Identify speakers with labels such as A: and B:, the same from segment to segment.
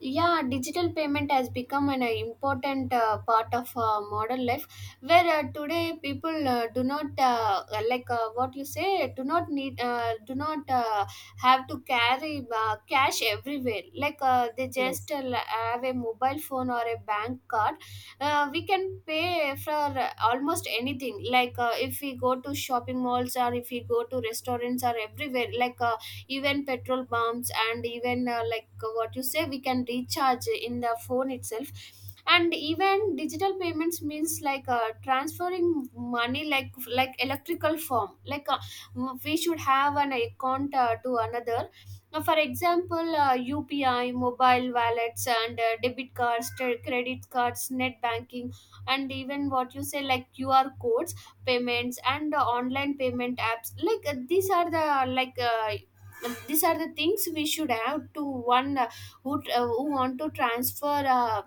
A: Yeah, digital payment has become an important part of modern life where today people do not what you say, do not need do not have to carry cash everywhere, they just
B: yes
A: have a mobile phone or a bank card. We can pay for almost anything, if we go to shopping malls or if we go to restaurants or everywhere, even petrol pumps, and even what you say, we can recharge in the phone itself. And even digital payments means transferring money like electrical form, we should have an account to another. Now, for example, UPI, mobile wallets, and debit cards, credit cards, net banking, and even, what you say, like QR codes, payments, and online payment apps, these are the these are the things we should have to one who want to transfer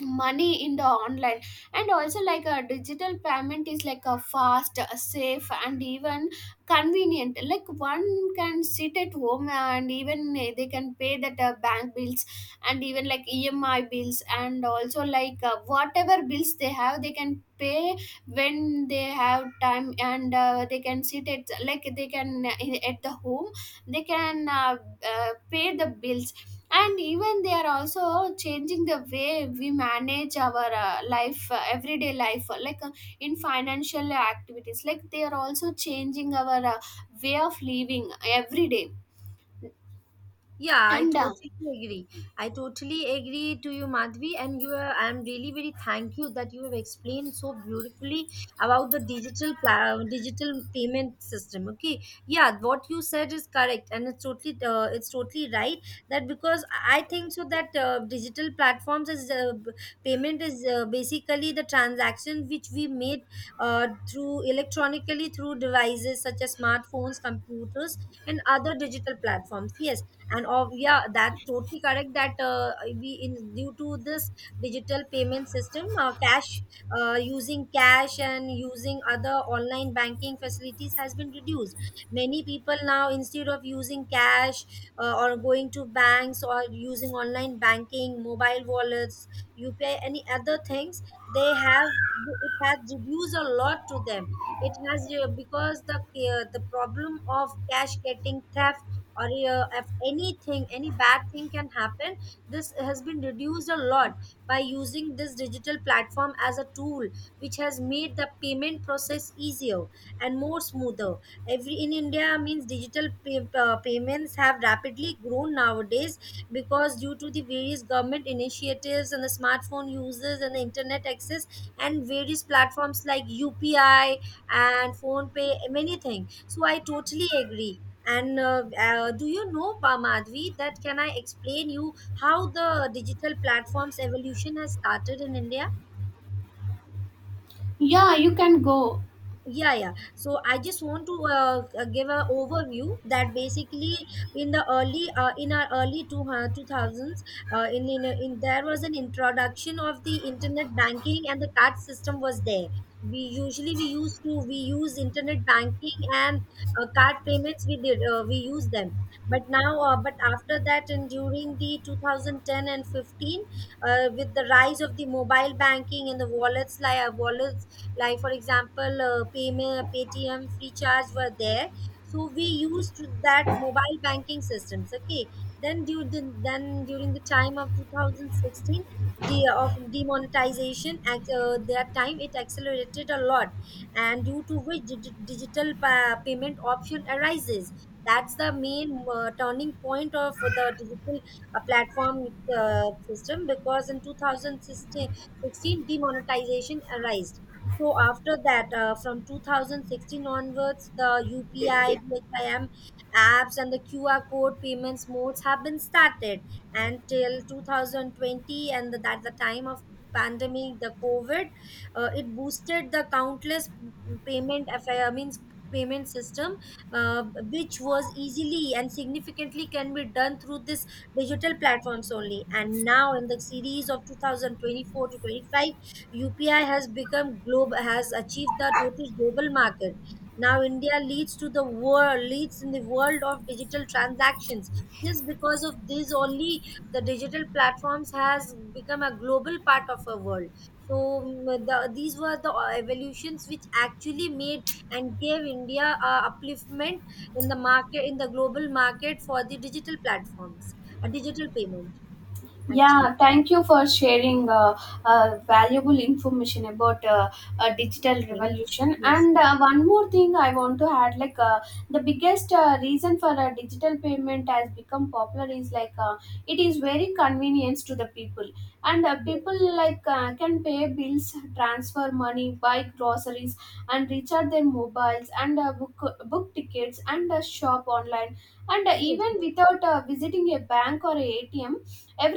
A: money in the online. And also, like, a digital payment is like a fast, safe, and even convenient. Like, one can sit at home and even they can pay that bank bills, and even like EMI bills, and also whatever bills they have they can pay when they have time, and they can sit at, like, they can at the home, they can pay the bills. And even they are also changing the way we manage our life, everyday life, in financial activities. Like, they are also changing our way of living every day.
B: Yeah, I
A: And
B: totally agree. I totally agree to you, Madhvi, and I'm really very thank you that you have explained so beautifully about the digital payment system. Okay, yeah, what you said is correct, and it's totally right that because I think so that digital platforms is payment is basically the transaction which we made through electronically through devices such as smartphones, computers, and other digital platforms. Yes, and of yeah, that's totally correct that we in due to this digital payment system, cash using cash and using other online banking facilities has been reduced. Many people now, instead of using cash or going to banks or using online banking, mobile wallets, upi, any other things they have, it has reduced a lot to them. It has because the problem of cash getting theft or if anything any bad thing can happen, this has been reduced a lot by using this digital platform as a tool, which has made the payment process easier and more smoother. Every in india means digital pay, payments have rapidly grown nowadays because due to the various government initiatives and the smartphone users and the internet access and various platforms like upi and phone pay, many things, so I totally agree. And do you know, Madhvi, that can I explain you how the digital platforms evolution has started in India?
A: Yeah, you can go.
B: Yeah, yeah, so I just want to give an overview that basically in our early 2000s. In there was an introduction of the internet banking and the card system was there. We usually we used to we use internet banking and card payments we use them. But now but after that and during the 2010 and 15, with the rise of the mobile banking and the wallets like wallet like for example, payment paytm, free charge were there, so we used that mobile banking systems. Okay, then during the time of 2016, the of demonetization at that time it accelerated a lot, and due to which payment option arises. That's the main turning point of the digital platform system, because in 2016 demonetization arose. So after that, from 2016 onwards, the UPI, BHIM apps, and the QR code payments modes have been started. And till 2020, and at the time of pandemic, the COVID, it boosted the countless payment affair, means payment system, which was easily and significantly can be done through this digital platforms only. And now in the series of 2024 to 25, UPI has become global, has achieved the total global market. Now India leads to the world, leads in the world of digital transactions. Just because of this only, the digital platforms has become a global part of our world. So these were the evolutions which actually made and gave India a upliftment in the market, in the global market for the digital platforms, a digital payment actually.
A: Yeah, thank you for sharing valuable information about digital
B: Okay.
A: revolution.
B: Yes,
A: And
B: sir.
A: one more thing I want to add, the biggest reason for digital payment has become popular is it is very convenient to the people, and people,
B: Yes,
A: like, can pay bills, transfer money, buy groceries, and recharge their mobiles, and book tickets, and shop online, and
B: yes,
A: even
B: yes.
A: without visiting a bank or a ATM.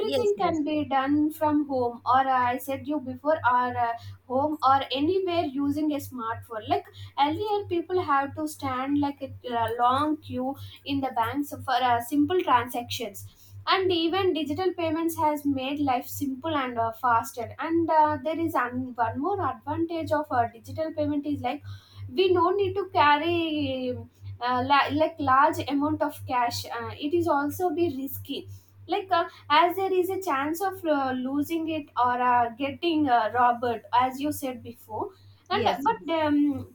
B: Yes, yes,
A: can be done from home, or I said you before, or home or anywhere using a smartphone. Like, earlier people have to stand like a long queue in the banks for simple transactions. And even digital payments has made life simple and faster, and there is an, one more advantage of digital payment is like we don't need to carry like large amount of cash. It is also be risky, like uh, as there is a chance of losing it or getting robbed, as you said before. and
B: yes, yes.
A: but um,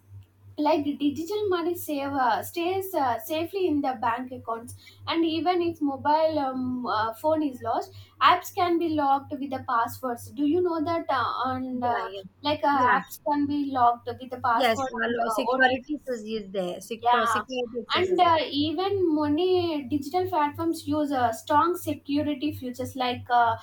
A: like, digital money save stays safely in the bank accounts. And even if mobile phone is lost, apps can be locked with the passwords. Do you know that on
B: Yeah, yeah,
A: like
B: yeah,
A: apps can be locked with the
B: yes.
A: password
B: Well,
A: and
B: security
A: OTPs.
B: is there. Sector
A: Yeah,
B: security access
A: and
B: is there.
A: Even many digital platforms use strong security features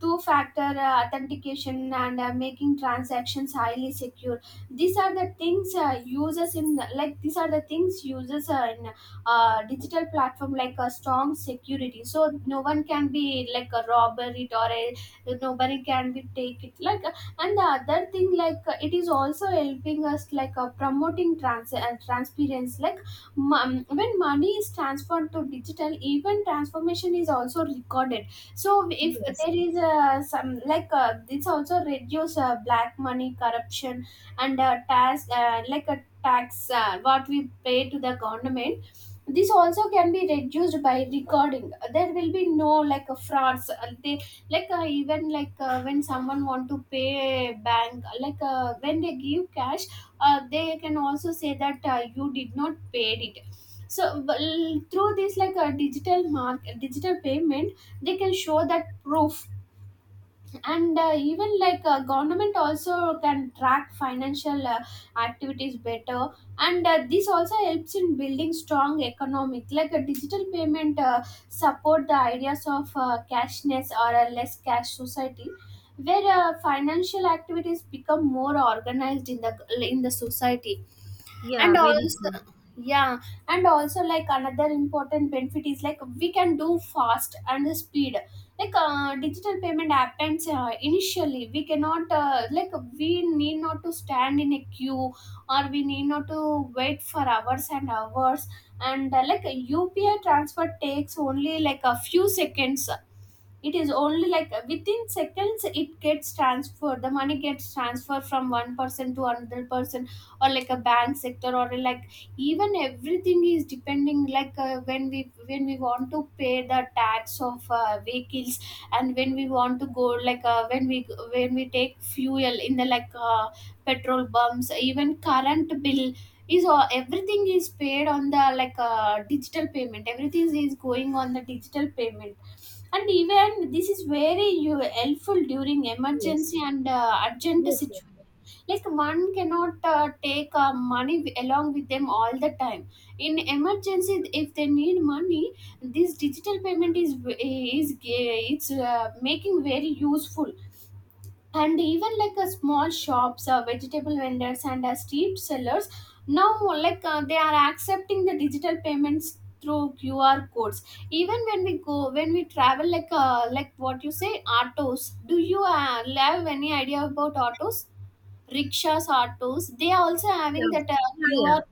A: two-factor authentication, and making transactions highly secure. These are the things users in, like, these are the things users in digital platform, like a strong security. So no one can be like a robber it, or a nobody can be take it like. And the other thing, it is also helping us promoting trans and transparency. Like, when money is transferred to digital, even transformation is also recorded. So if
B: Yes,
A: there is some like this also reduce black money, corruption, and tax like a tax, what we pay to the government, this also can be reduced by recording. There will be no like a frauds they like even when someone want to pay bank, when they give cash, they can also say that you did not pay it. So, well, through this, like a digital mark, digital payment, they can show that proof. And even, government also can track financial activities better. And this also helps in building strong economic, like a digital payment support the ideas of cashness or a less cash society, where financial activities become more organized in the society.
B: yeah,
A: And
B: very
A: also,
B: true.
A: yeah, and also, like, another important benefit is like we can do fast and speed. Digital payment happens initially we cannot we need not to stand in a queue, or we need not to wait for hours and hours. And like, a UPI transfer takes only like a few seconds. It is only like within seconds it gets transferred, the money gets transferred from one person to another person, or like a bank sector, or like, even everything is depending, when we want to pay the tax of vehicles. And when we want to go, when we take fuel in the, petrol bumps, even current bill is all, everything is paid on the, digital payment, everything is going on the digital payment. And even this is very helpful during
B: Yes,
A: emergency and urgent
B: yes, yes,
A: situation. Like, one cannot take money along with them all the time. In emergency, if they need money, this digital payment is is it's making very useful. And even, like, a small shops, vegetable vendors, and street sellers now, they are accepting the digital payments through QR codes. Even when we go, when we travel, like, what you say, autos, do you have any idea about autos, rickshaws, autos? They are also having
B: yeah,
A: that
B: yeah,
A: QR,
B: yeah.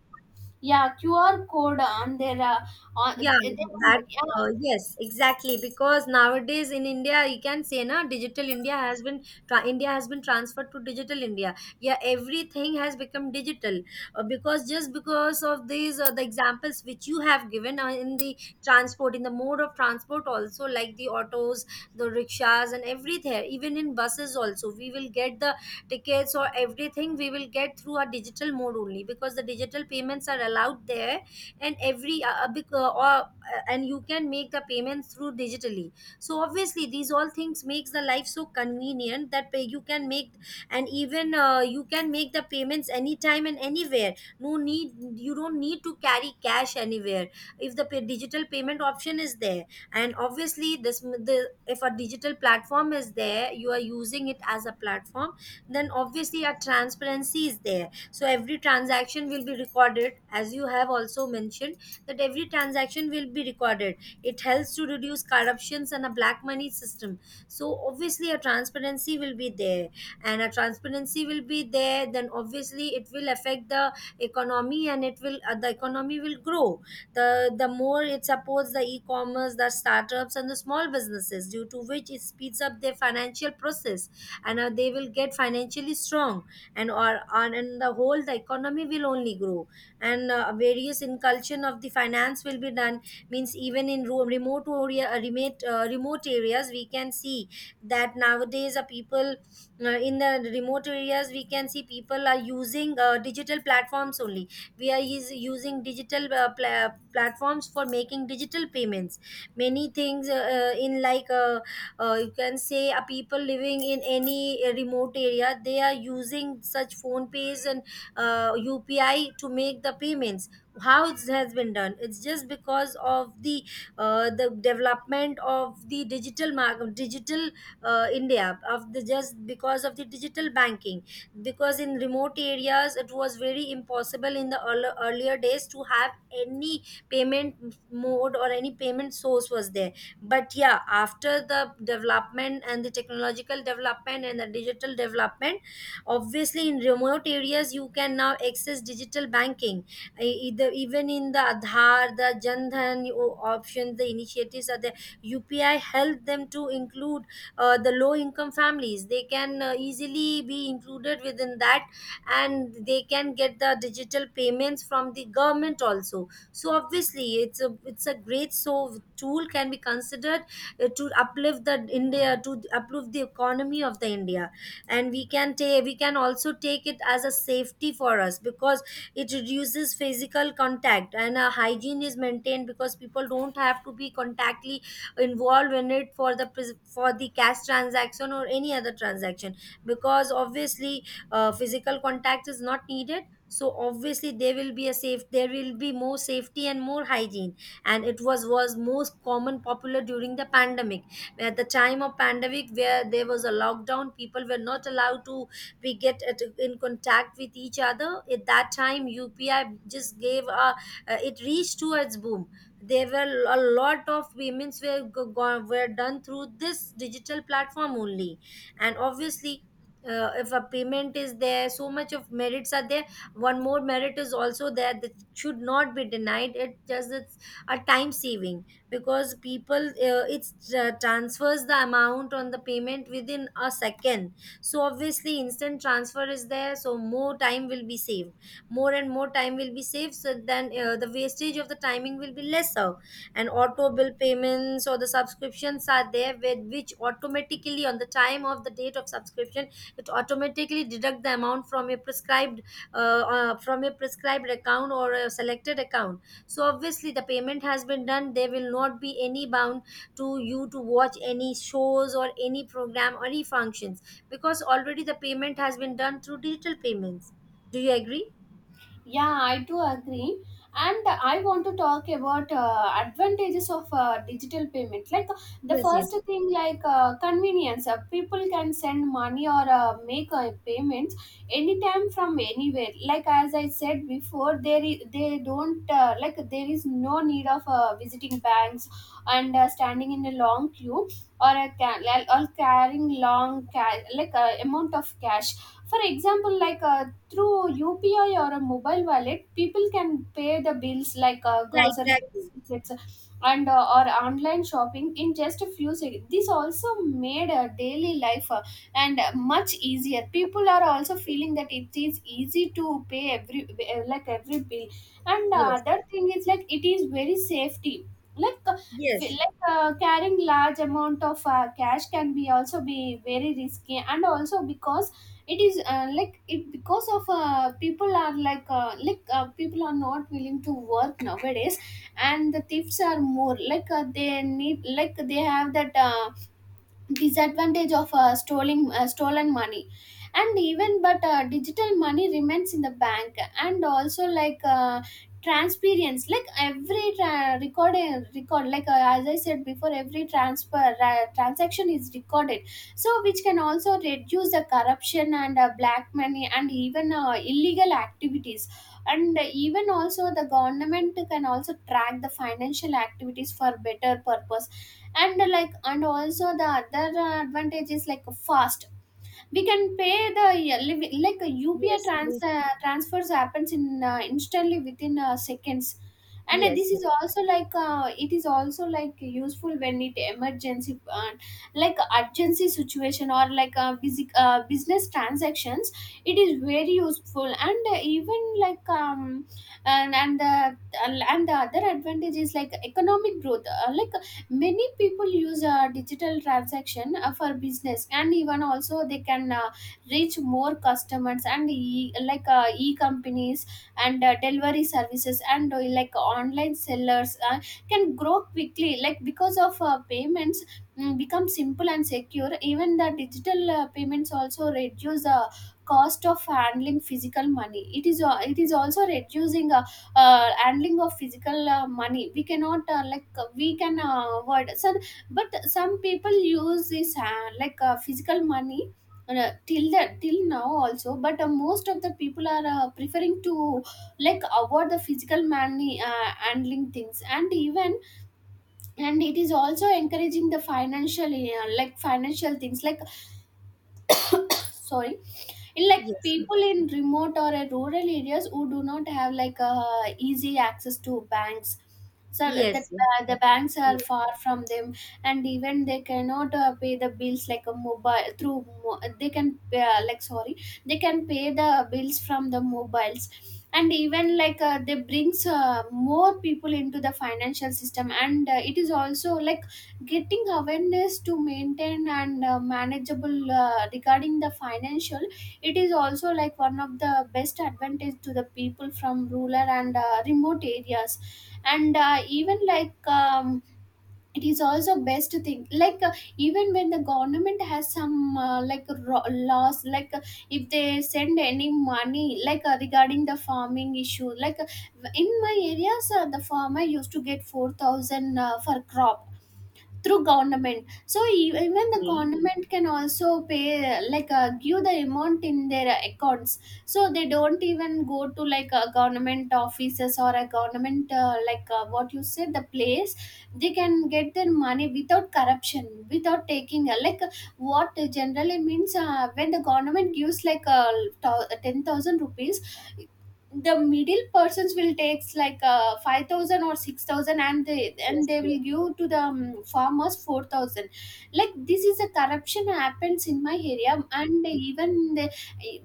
A: yeah, QR code on their, on,
B: Yeah,
A: they,
B: that
A: yeah.
B: yes, exactly. Because nowadays in India, you can say na, digital India has been India has been transferred to digital India. Yeah, everything has become digital because just because of these the examples which you have given in the transport, in the mode of transport also, like the autos, the rickshaws, and everything. Even in buses also, we will get the tickets or everything we will get through a digital mode only, because the digital payments are allowed there and and you can make the payments through digitally. So obviously these all things makes the life so convenient that you can make, and even you can make the payments anytime and anywhere. No need, you don't need to carry cash anywhere if the digital payment option is there. And obviously this the if a digital platform is there, you are using it as a platform, then obviously a transparency is there, so every transaction will be recorded. As you have also mentioned, that every transaction will be recorded, it helps to reduce corruptions and a black money system. So obviously a transparency will be there, and a transparency will be there, then obviously it will affect the economy and it will the economy will grow. The more it supports the e-commerce, the startups and the small businesses, due to which it speeds up their financial process, and they will get financially strong, and or on and the whole the economy will only grow. And various inculcation of the finance will be done, means even in remote areas we can see that nowadays a people, in the remote areas we can see people are using digital platforms only. We are is using digital platforms for making digital payments, many things, in like you can say people living in any remote area, they are using such phone pays and upi to make the payments. How it has been done, it's just because of the development of the digital market digital india of the just because of the digital banking, because in remote areas it was very impossible in the earlier days to have any payment mode or any payment source was there. But yeah, after the development and the technological development and the digital development, obviously in remote areas you can now access digital banking. Either even in the Aadhaar, the jandhan options, the initiatives are there. Upi help them to include the low income families, they can easily be included within that, and they can get the digital payments from the government also. So obviously it's a great so tool can be considered to uplift the india, to uplift the economy of the india. And we can also take it as a safety for us, because it reduces physical contact and hygiene is maintained, because people don't have to be contactly involved in it for the for the cash transaction or any other transaction, because obviously physical contact is not needed. So obviously there will be a safe, there will be more safety and more hygiene. And it was most common popular during the pandemic. At the time of pandemic where there was a lockdown, people were not allowed to in contact with each other. At that time upi just gave a it reached to its boom. There were a lot of payments were done through this digital platform only. And obviously if a payment is there, so much of merits are there. One more merit is also there that should not be denied, it just it's a time saving. Because people it transfers the amount on the payment within a second, so obviously instant transfer is there, so more time will be saved, more and more time will be saved. So then the wastage of the timing will be lesser. And auto bill payments or the subscriptions are there, with which automatically on the time of the date of subscription, it automatically deduct the amount from your prescribed from a prescribed account or a selected account. So obviously the payment has been done. There will not be any bound to you to watch any shows or any program or any functions, because already the payment has been done through digital payments. Do you agree?
A: Yeah, I do agree. And I want to talk about advantages of digital payment. Like, the
B: Yes, yes.
A: first thing, convenience. People can send money, or make payments anytime from anywhere. Like, as I said before, there is, they don't there is no need of visiting banks and standing in a long queue, or a or carrying long amount of cash. For example, through UPI or a mobile wallet, people can pay the bills,
B: Yeah,
A: grocery bills,
B: exactly.
A: tickets, and or online shopping in just a few seconds. This also made daily life and much easier. People are also feeling that it is easy to pay every like every bill. And the
B: Yes,
A: other thing is like it is very safety. Like uh,
B: yes,
A: Carrying large amount of cash can be also be very risky. And also because it is it, because of people are people are not willing to work nowadays, and the thieves are more, they need, like, they have that disadvantage of stolen stolen money. And even, but digital money remains in the bank. And also, transparency, like every record, as I said before, every transfer, transaction is recorded, so which can also reduce the corruption and black money, and even illegal activities. And even also the government can also track the financial activities for better purpose. And, like, and also the other advantage is like fast. We can pay the a UPI
B: yes, mm,
A: transfers happens in instantly within seconds. And this
B: yes,
A: is also, it is also like useful when it emergency, urgency situation, or busy, business transactions. It is very useful. And even like and and the and the other advantage is like economic growth. Many people use digital transaction for business, and even also they can reach more customers, and e companies and delivery services, and online sellers can grow quickly, like because of payments become simple and secure. Even the digital payments also reduce the cost of handling physical money. It is it is also reducing handling of physical money, we cannot we can avoid so, but some people use this physical money till that, till now also, but most of the people are preferring to, like, avoid the physical money handling things. And even, and it is also encouraging the financial financial things, like, sorry, in, like,
B: yes, yes,
A: people in remote or rural areas who do not have easy access to banks, so the,
B: yes, yes,
A: uh, the banks are far from them. And even they cannot pay the bills like a mobile through they can pay the bills from the mobiles. And even they brings more people into the financial system, and it is also like getting awareness to maintain and manageable regarding the financial. It is also like one of the best advantage to the people from rural and remote areas. And even it is also best thing even when the government has some laws, if they send any money regarding the farming issue, in my areas the farmer used to get 4000 for crop through government. So even the
B: yes, yes,
A: government can also pay, give the amount in their accounts. So they don't even go to like a government offices or a government what you said, the place. They can get their money without corruption, without taking what generally means when the government gives 10,000 rupees. The middle persons will takes 5000 or 6000, and
B: yes,
A: they will give to the farmers 4000. Like, this is a corruption happens in my area. And even the,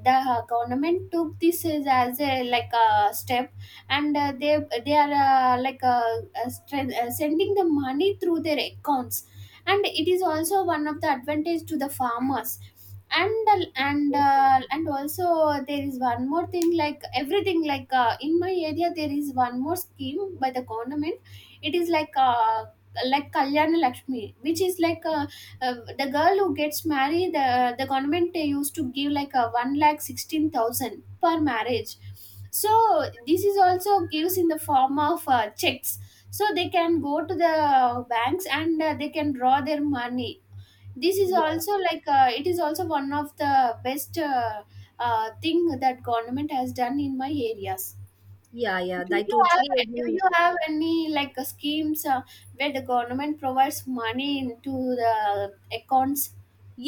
A: the government took this as a like a step. And they are uh, like uh, sending the money through their accounts. And it is also one of the advantage to the farmers. And also there is one more thing, like everything, in my area there is one more scheme by the government. It is like Kalyana Lakshmi, which is the girl who gets married, the government they used to give like a 1 lakh 16 thousand per marriage. So this is also gives in the form of checks, so they can go to the banks and they can draw their money. This is also
B: yes.
A: it is also one of the best thing that government has done in my areas.
B: Yeah, yeah.
A: do
B: I
A: you have
B: totally
A: do
B: agree.
A: you have any schemes where the government provides money into the accounts?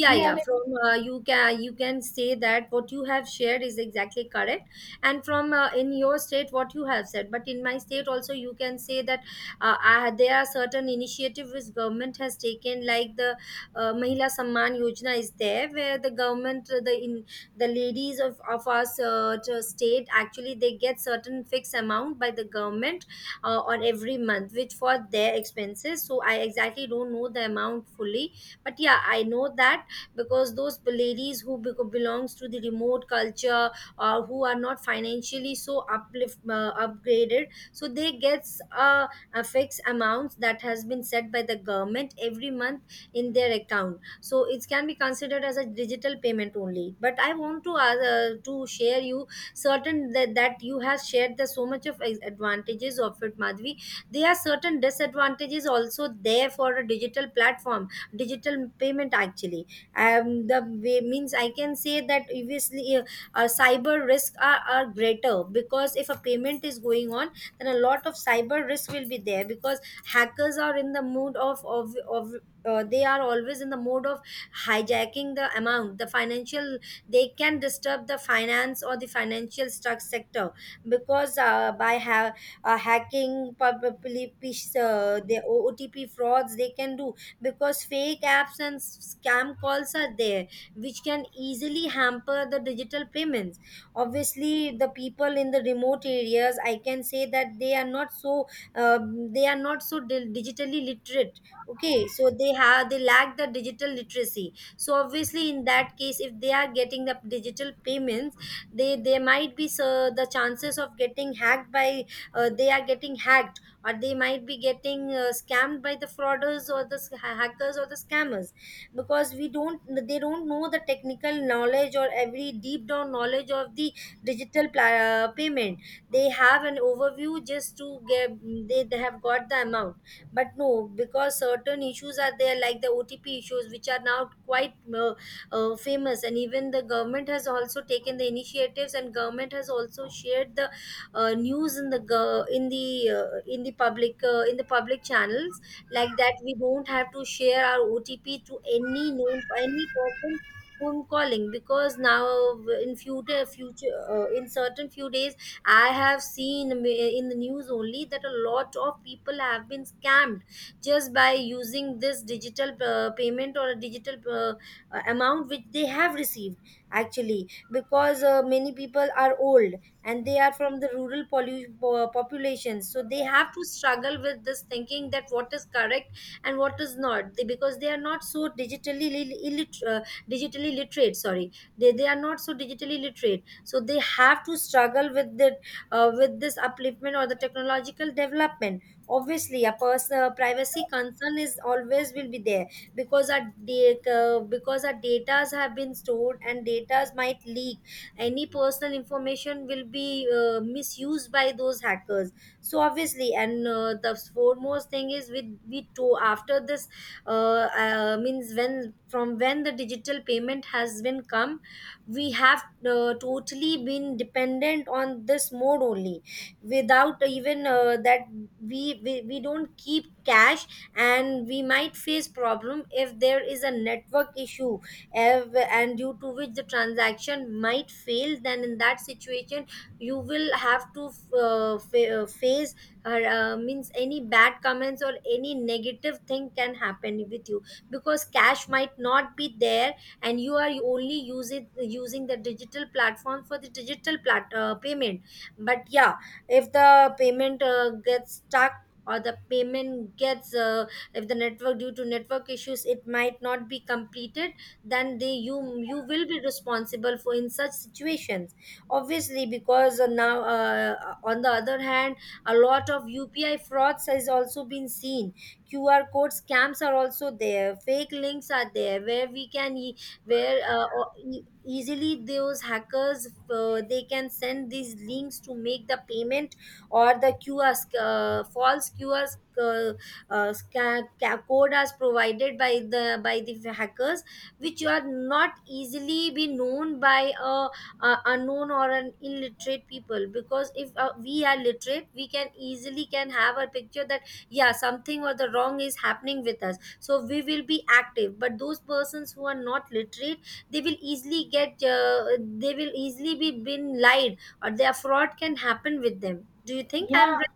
A: Do you have
B: yeah
A: it?
B: from you can say that what you have shared is exactly correct. And from in your state what you have said, but in my state also you can say that there are certain initiatives which government has taken, like the mahila samman yojana is there, where the government the ladies of our state actually they get certain fixed amount by the government on every month which for their expenses. So I exactly don't know the amount fully, but yeah, I know that because those ladies who belongs to the remote culture or who are not financially so uplift upgraded, so they gets a fixed amount that has been set by the government every month in their account. So it can be considered as a digital payment only, but I want to share you certain that you have shared the so much of advantages of it, Madhvi. There are certain disadvantages also there for a digital platform, digital payment actually. The way means I can say that obviously cyber risks are greater because if a payment is going on, then a lot of cyber risk will be there because hackers are in the mood of they are always in the mode of hijacking the amount, the financial. They can disturb the finance or the financial struct sector because hacking probably the OTP frauds they can do, because fake apps and scam calls are there which can easily hamper the digital payments. Obviously the people in the remote areas, I can say that they are not so they are not so digitally literate. Okay, so they have, they lack the digital literacy, so obviously in that case if they are getting the digital payments, they might be, so the chances of getting hacked by they are getting hacked or they might be getting scammed by the frauders or the hackers or the scammers, because we don't they don't know the technical knowledge or every deep down knowledge of the digital payment. They have an overview just to get they have got the amount. But no, because certain issues are there like the OTP issues which are now quite famous, and even the government has also taken the initiatives, and government has also shared the news in the in the public channels, like that we don't have to share our OTP to any known any person whom calling. Because now in future in certain few days I have seen in the news only that a lot of people have been scammed just by using this digital payment or a digital amount which they have received actually. Because many people are old and they are from the rural population, so they have to struggle with this thinking that what is correct and what is not. Because they are not so digitally digitally literate, sorry, they are not so digitally literate, so they have to struggle with the with this upliftment or the technological development. Obviously a personal privacy concern is always will be there, because our data, because our datas have been stored and datas might leak, any personal information will be misused by those hackers. So obviously, and the foremost thing is we to after this means when from when the digital payment has been come, we have totally been dependent on this mode only, without even that we don't keep cash, and we might face problem if there is a network issue, and due to which the transaction might fail. Then in that situation you will have to face means any bad comments or any negative thing can happen with you, because cash might not be there and you are only using the digital platform for the digital payment. But yeah, if the payment gets stuck or the payment gets if the network, due to network issues, it might not be completed, then they you will be responsible for in such situations. Obviously because now on the other hand, a lot of UPI frauds has also been seen, qr code scams are also there, fake links are there where we can e- where o- e- easily those hackers they can send these links to make the payment, or the false qr sc- scan, ca- code as provided by the hackers, which are not easily be known by a unknown or an illiterate people. Because if we are literate, we can easily can have a picture that yeah, something or the wrong is happening with us, so we will be active. But those persons who are not literate, they will easily get they will easily be been lied or their fraud can happen with them. Do you think
A: Yeah,
B: I'm right?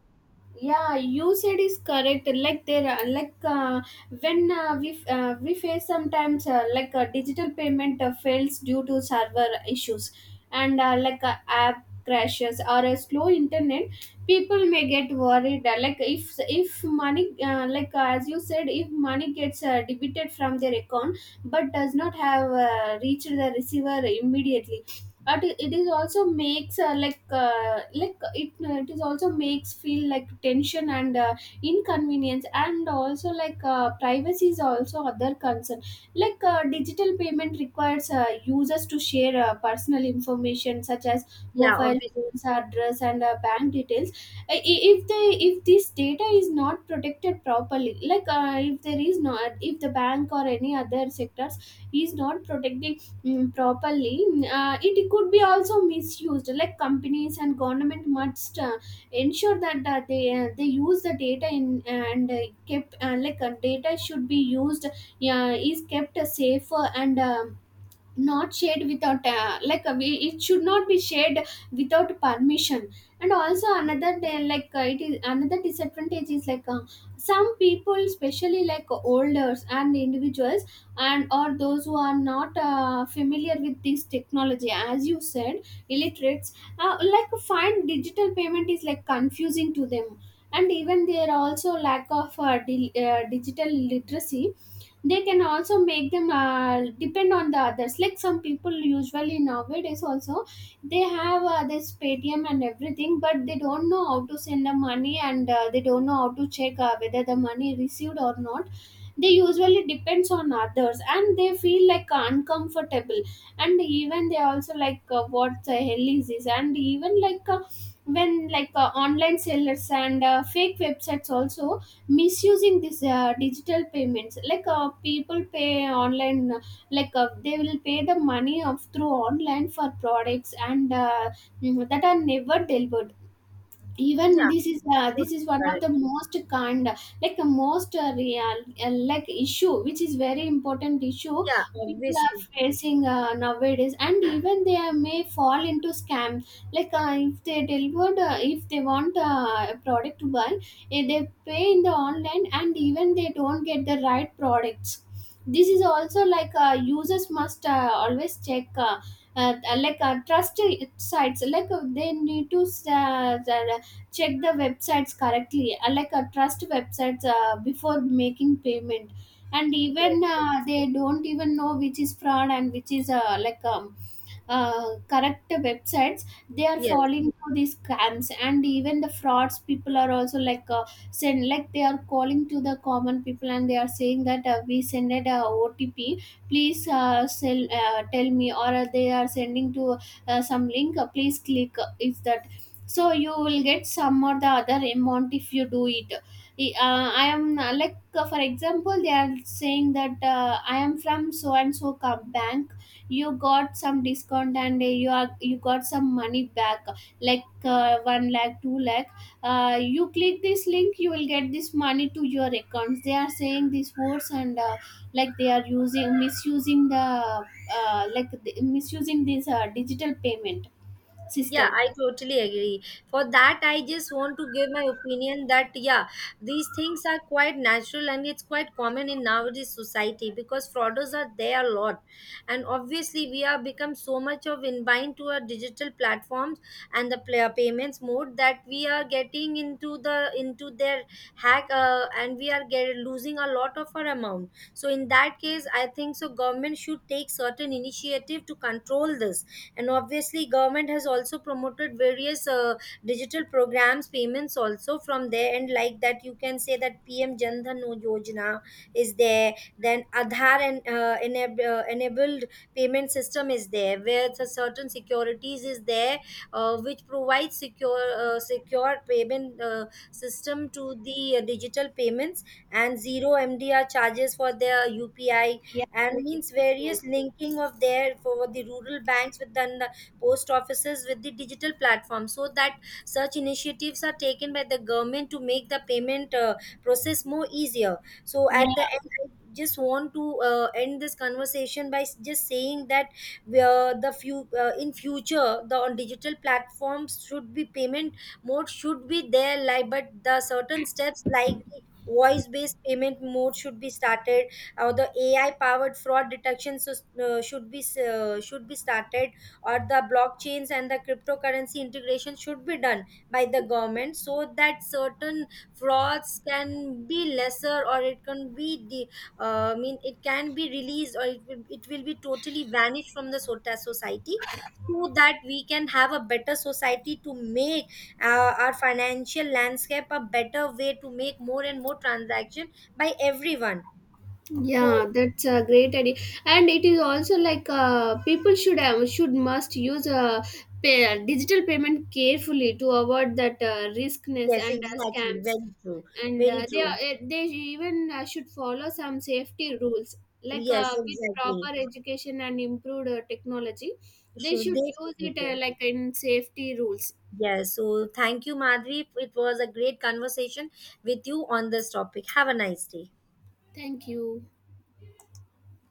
A: yeah you said is correct, like there are- like when we face sometimes digital payment fails due to server issues, and app crashes or a slow internet. People may get worried, if money as you said, if money gets debited from their account but does not have reached the receiver immediately. But it it is also makes uh, it is also makes feel like tension and inconvenience. And also, privacy is also other concern. Digital payment requires users to share personal information such as
B: Yeah,
A: mobile
B: obviously.
A: phones, address and bank details. I- i- if they if this data is not protected properly, if the bank or any other sectors is not protecting, properly, it could be also misused. Like, companies and government must ensure that they use the data in, and kept, data should be used is kept safer and, not shared without like we, it should not be shared without permission. And also another day, it is another disadvantage is, some people, especially like olders and individuals and or those who are not familiar with this technology, as you said, illiterates, find digital payment is like confusing to them. And even there are also lack of digital literacy. They can also make them depend on the others. Like some people usually nowadays also, they have this Paytm and everything, but they don't know how to send the money, and they don't know how to check whether the money received or not. They usually depends on others and they feel like uncomfortable. And even they also like, what the hell is this. And even, when like, online sellers and fake websites also misusing this digital payments, people pay online, they will pay the money of through online for products and, that are never delivered. Even
B: Yeah,
A: this
B: totally
A: is one of the
B: correct.
A: most kind, like the most real, issue which is very important issue
B: Yeah,
A: people are
B: obviously.
A: facing nowadays. And even may fall into scam. If they want a product to buy, they pay in the online and even they don't get the right products. This is also like, users must always check, trust sites, they need to uh, check the websites correctly, trust websites before making payment. And
B: Yes,
A: even they don't even know which is fraud and which is, correct websites. They are
B: yes.
A: falling for these scams, and even the frauds people are also, send like they are calling to the common people and they are saying that we send it a OTP, please, tell me. Or they are sending to some link, please click, if the, so you will get some or the other amount if you do it. I am like For example, they are saying that I am from so and so bank, you got some discount, and you got some money back, 1 lakh, 2 lakh. You click this link, you will get this money to your accounts. They are saying these words, and they are using, misusing the, misusing this digital payment
B: Yeah,
A: system.
B: I totally agree. For that, I just want to give my opinion that, yeah, these things are quite natural and it's quite common in nowadays society because frauders are there a lot. And obviously, we have become so much of inbind to our digital platforms and the player payments mode, that we are getting into the into their hack, and we are losing a lot of our amount. So in that case, I think so government should take certain initiative to control this. And obviously government has also promoted various digital programs payments also from there, and like that you can say that PM jan dhan yojana is there, then Aadhaar and enabled payment system is there, where the certain securities is there which provides secure secure payment system to the digital payments, and zero MDR charges for their UPI,
A: Yeah,
B: and
A: it's
B: means
A: true.
B: various linking of their for the rural banks with then the post offices with the digital platform, so that such initiatives are taken by the government to make the payment process more easier. So
A: Yeah,
B: at the end, I just want to end this conversation by just saying that where the few in future the on digital platforms should be payment mode should be there, like, but the certain steps like the voice based payment mode should be started, or the AI powered fraud detection should be started, or the blockchains and the cryptocurrency integration should be done by the government, so that certain frauds can be lesser, or it can be the I mean it can be released, or it will be totally vanished from the sota- society, so that we can have a better society to make our financial landscape a better way to make more and more transaction by everyone. So
A: yeah, that's a great idea. And it is also like, people should must use, digital payment carefully to avoid that riskness
B: yes,
A: and
B: exactly.
A: scams.
B: Very true.
A: And
B: Very true.
A: they even should follow some safety rules,
B: Yes,
A: with proper
B: exactly.
A: education and improved technology, they
B: Should
A: should
B: they
A: use
B: should be
A: it,
B: there.
A: in safety rules.
B: Yes. So thank you, Madhvi. It was a great conversation with you on this topic. Have a nice day.
A: Thank you.